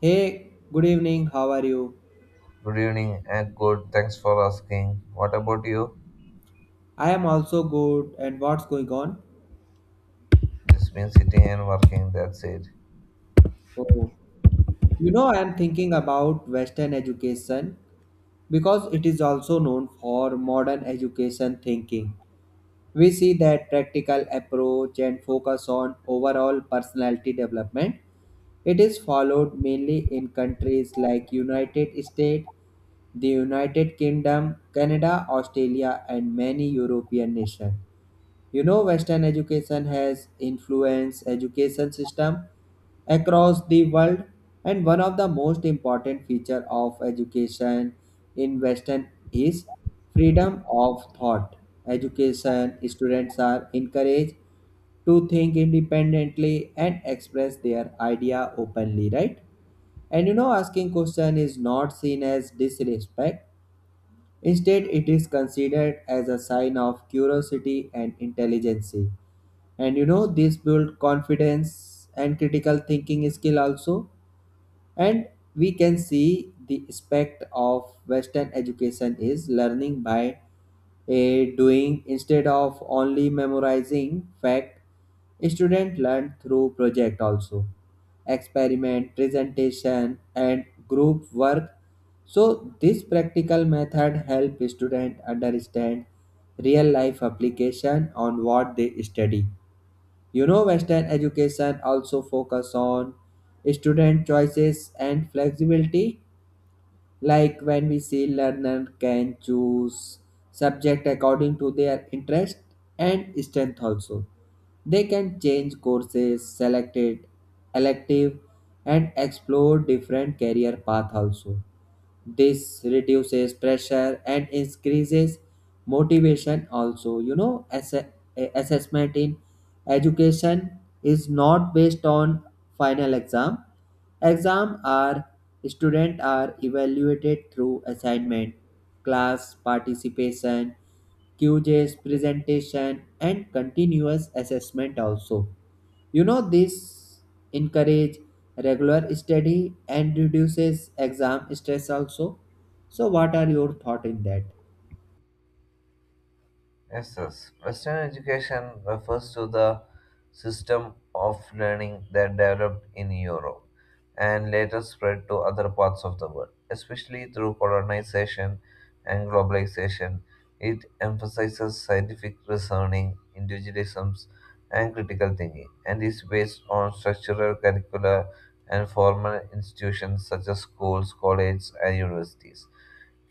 Hey, good evening. How are you? Good evening and good. Thanks for asking. What about you? I am also good. And what's going on? Just been sitting and working. That's it. Oh, you know, I am thinking about Western education because it is also known for modern education thinking. We see that practical approach and focus on overall personality development. It is followed mainly in countries like United States, the United Kingdom, Canada, Australia, and many European nations. You know, Western education has influenced education system across the world, and one of the most important feature of education in Western is freedom of thought. Education students are encouraged to think independently and express their idea openly, right, and you know, asking question is not seen as disrespect. Instead, it is considered as a sign of curiosity and intelligence. And you know, this build confidence and critical thinking skill also. And we can see the aspect of western education is learning by a doing instead of only memorizing fact. Student learn through project also, experiment, presentation, and group work. So this practical method help student understand real life application on what they study. You know, Western education also focus on student choices and flexibility, like when we see learner can choose subject according to their interest and strength also. They can change courses, select it, elective, and explore different career path also. This reduces pressure and increases motivation also. You know, assessment in education is not based on final exam. Exam are students are evaluated through assignment, class participation, QJ's presentation and continuous assessment also. You know, this encourage regular study and reduces exam stress also. So, what are your thoughts in that? Yes, yes. Western education refers to the system of learning that developed in Europe and later spread to other parts of the world, especially through colonization and globalization. It emphasizes scientific reasoning, individualism, and critical thinking, and is based on structural curricula and formal institutions such as schools, colleges, and universities.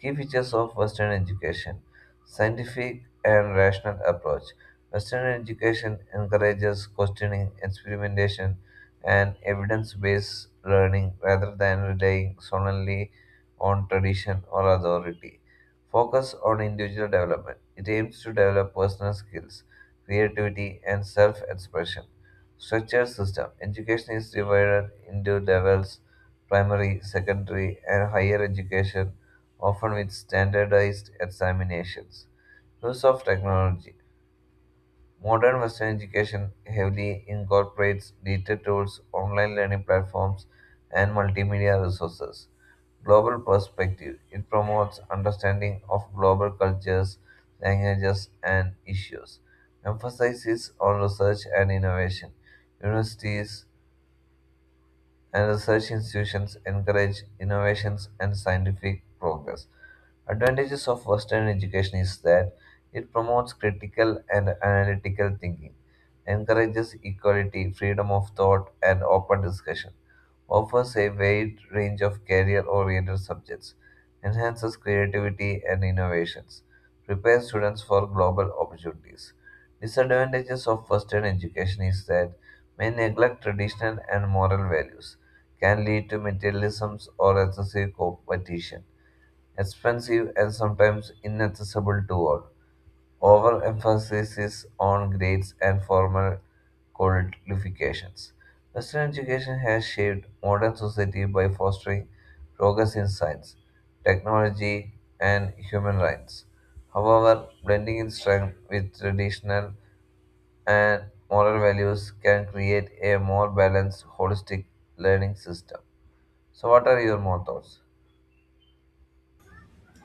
Key features of Western education scientific and rational approach. Western education encourages questioning, experimentation, and evidence based learning rather than relying solely on tradition or authority. Focus on individual development. It aims to develop personal skills, creativity, and self expression. Structured system. Education is divided into levels primary, secondary, and higher education often with standardized examinations. Use of technology. Modern Western education heavily incorporates digital tools, online learning platforms, and multimedia resources. Global perspective. It promotes understanding of global cultures, languages, and issues. Emphasizes on research and innovation. Universities and research institutions encourage innovations and scientific progress. Advantages of Western education is that it promotes critical and analytical thinking, encourages equality, freedom of thought, and open discussion, offers a wide range of career-oriented subjects, enhances creativity and innovations, prepares students for global opportunities. Disadvantages of Western education is that may neglect traditional and moral values can lead to materialism or excessive competition, expensive and sometimes inaccessible to all. Overemphasis on grades and formal qualifications. Western education has shaped modern society by fostering progress in science, technology, and human rights. However, blending in strength with traditional and moral values can create a more balanced, holistic learning system. So, what are your more thoughts?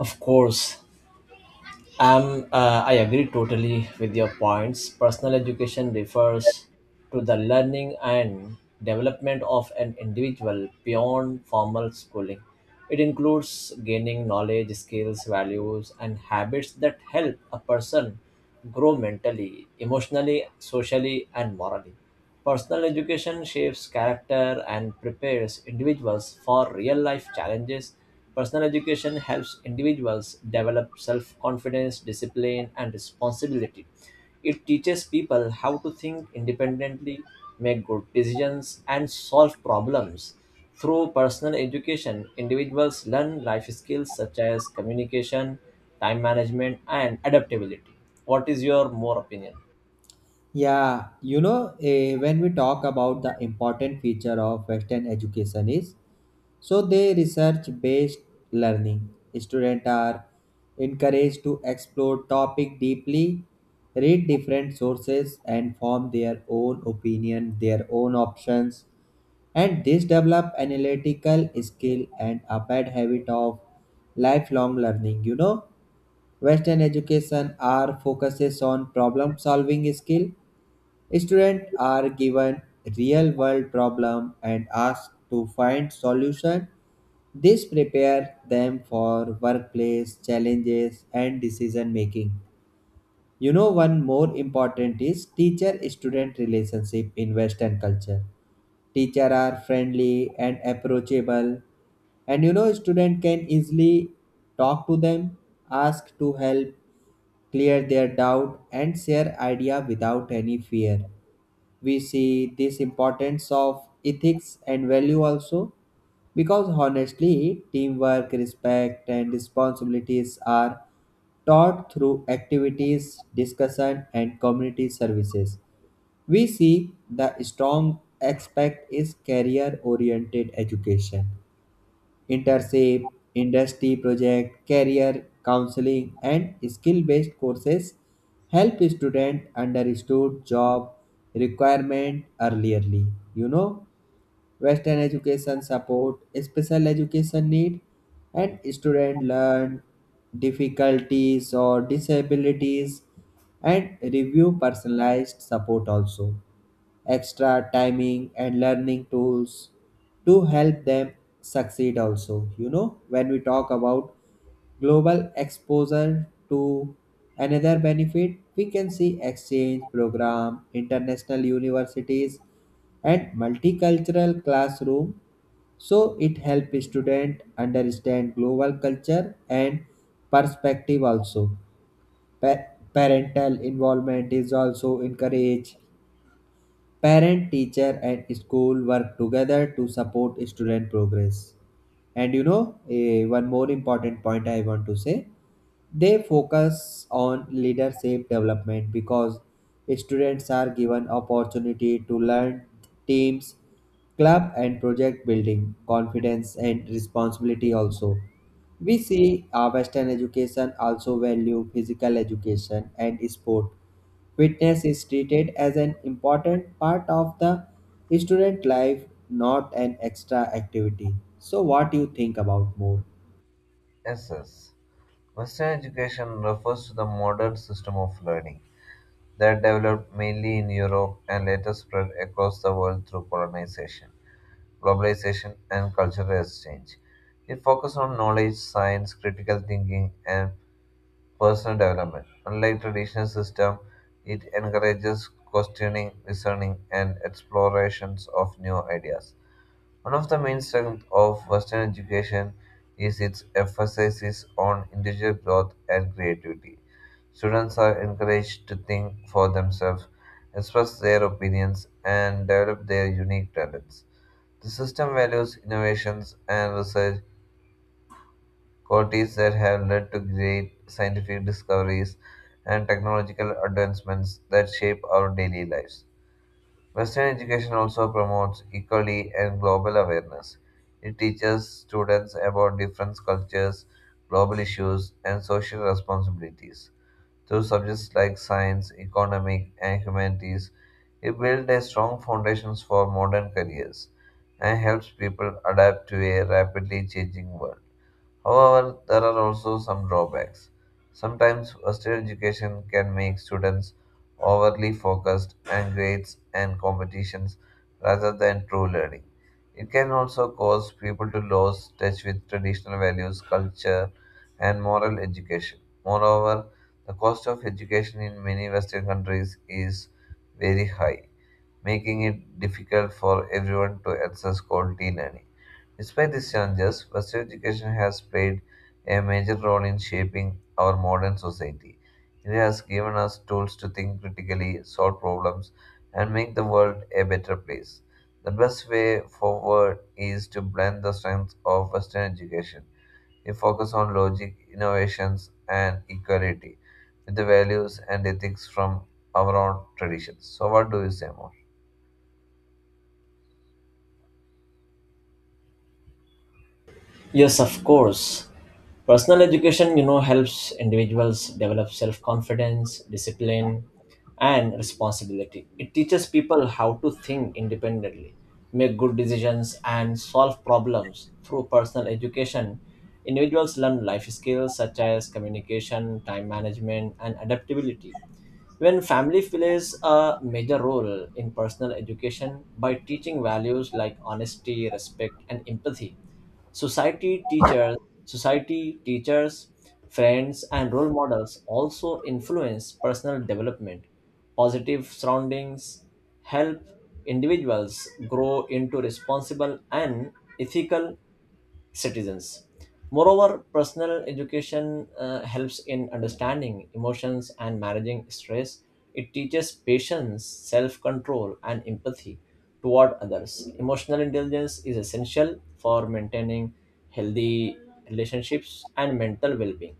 Of course, I agree totally with your points. Personal education refers to the learning and development of an individual beyond formal schooling. It includes gaining knowledge, skills, values, and habits that help a person grow mentally, emotionally, socially, and morally. Personal education shapes character and prepares individuals for real life challenges. Personal education helps individuals develop self confidence, discipline, and responsibility. It teaches people how to think independently, make good decisions, and solve problems. Through personal education, individuals learn life skills such as communication, time management, and adaptability. What is your more opinion? Yeah, you know, when we talk about the important feature of Western education is so they research based learning. Students are encouraged to explore topic deeply, read different sources, and form their own opinion, their own options, and this develop analytical skill and a bad habit of lifelong learning. You know, western education are focuses on problem solving skill. Students are given real world problem and asked to find solution. This prepare them for workplace challenges and decision making. You know, one more important is teacher student relationship in western culture. Teacher are friendly and approachable, and you know, student can easily talk to them, ask to help, clear their doubt, and share idea without any fear. We see this importance of ethics and value also, because honestly teamwork, respect, and responsibilities are taught through activities, discussion, and community services. We see the strong aspect is career oriented education, internship, industry project, career counseling, and skill based courses help students understand job requirement earlierly. You know, Western education support special education need, and student learn difficulties or disabilities and review personalized support also, extra timing and learning tools to help them succeed also. You know, when we talk about global exposure to another benefit, we can see exchange program, international universities, and multicultural classroom. So it helps student understand global culture and perspective also. Pa- Parental involvement is also encouraged. Parent, teacher, and school work together to support student progress. And you know, one more important point I want to say, they focus on leadership development because students are given opportunity to learn teams, club, and project, building confidence and responsibility also. We see our western education also value physical education and sport. Fitness is treated as an important part of the student life, not an extra activity. So, what do you think about more? Yes, Western education refers to the modern system of learning that developed mainly in Europe and later spread across the world through colonization, globalization, and cultural exchange. It focuses on knowledge, science, critical thinking, and personal development. Unlike traditional system, it encourages questioning, discerning, and explorations of new ideas. One of the main strengths of Western education is its emphasis on individual growth and creativity. Students are encouraged to think for themselves, express their opinions, and develop their unique talents. The system values innovations and research, qualities that have led to great scientific discoveries and technological advancements that shape our daily lives. Western education also promotes equality and global awareness. It teaches students about different cultures, global issues, and social responsibilities. Through subjects like science, economic, and humanities, it builds a strong foundation for modern careers and helps people adapt to a rapidly changing world. However, there are also some drawbacks. Sometimes Western education can make students overly focused on grades and competitions rather than true learning. It can also cause people to lose touch with traditional values, culture, and moral education. Moreover, the cost of education in many Western countries is very high, making it difficult for everyone to access quality learning. Despite these challenges, Western education has played a major role in shaping our modern society. It has given us tools to think critically, solve problems, and make the world a better place. The best way forward is to blend the strengths of Western education. We focus on logic, innovations, and equality with the values and ethics from our own traditions. So, what do you say more? Yes, of course. Personal education, helps individuals develop self-confidence, discipline, and responsibility. It teaches people how to think independently, make good decisions, and solve problems. Through personal education, individuals learn life skills such as communication, time management, and adaptability. When family plays a major role in personal education by teaching values like honesty, respect, and empathy, society teachers, society teachers, friends, and role models also influence personal development. Positive surroundings help individuals grow into responsible and ethical citizens. Moreover, personal education helps in understanding emotions and managing stress. It teaches patience, self control, and empathy toward others. Emotional intelligence is essential for maintaining healthy relationships and mental well being.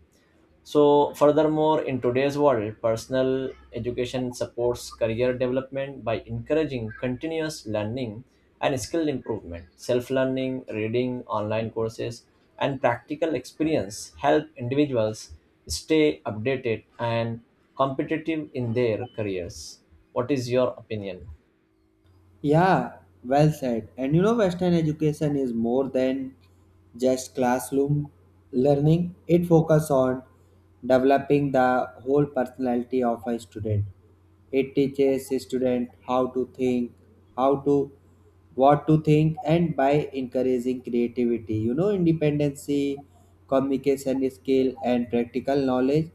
So, furthermore, in today's world, personal education supports career development by encouraging continuous learning and skill improvement. Self learning, reading, online courses, and practical experience help individuals stay updated and competitive in their careers. What is your opinion? Yeah, well said. And you know, Western education is more than just classroom learning, it focuses on developing the whole personality of a student. It teaches a student how to think, how to what to think, and by encouraging creativity, you know, independency, communication skill, and practical knowledge.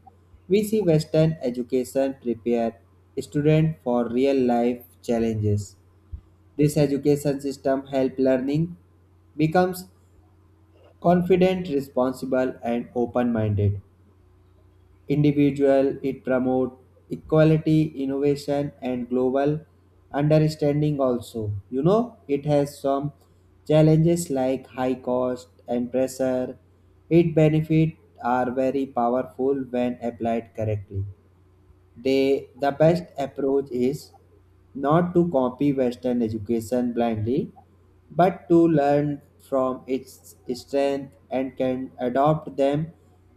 We see Western education prepare student for real life challenges. This education system helps learning becomes confident, responsible, and open-minded individual. It promotes equality, innovation, and global understanding. Also, you know, it has some challenges like high cost and pressure. Its benefits are very powerful when applied correctly. They, the best approach is not to copy Western education blindly, but to learn from its strength and can adopt them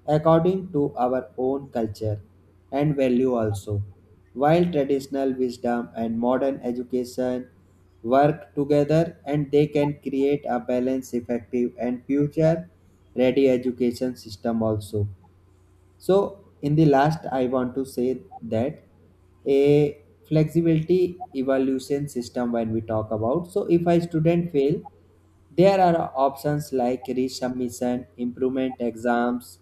according to our own culture and value also. While traditional wisdom and modern education work together, and they can create a balanced, effective, and future ready education system also. So, in the last, I want to say that a flexibility evaluation system when we talk about. So, if a student fail, there are options like resubmission, improvement exams,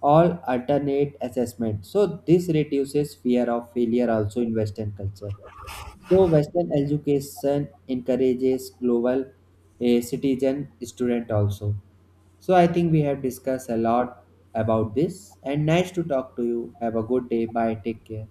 or alternate assessment. So, this reduces fear of failure also in Western culture. So Western education encourages global citizen student also. So I think we have discussed a lot about this, and nice to talk to you. Have a good day. Bye. Take care.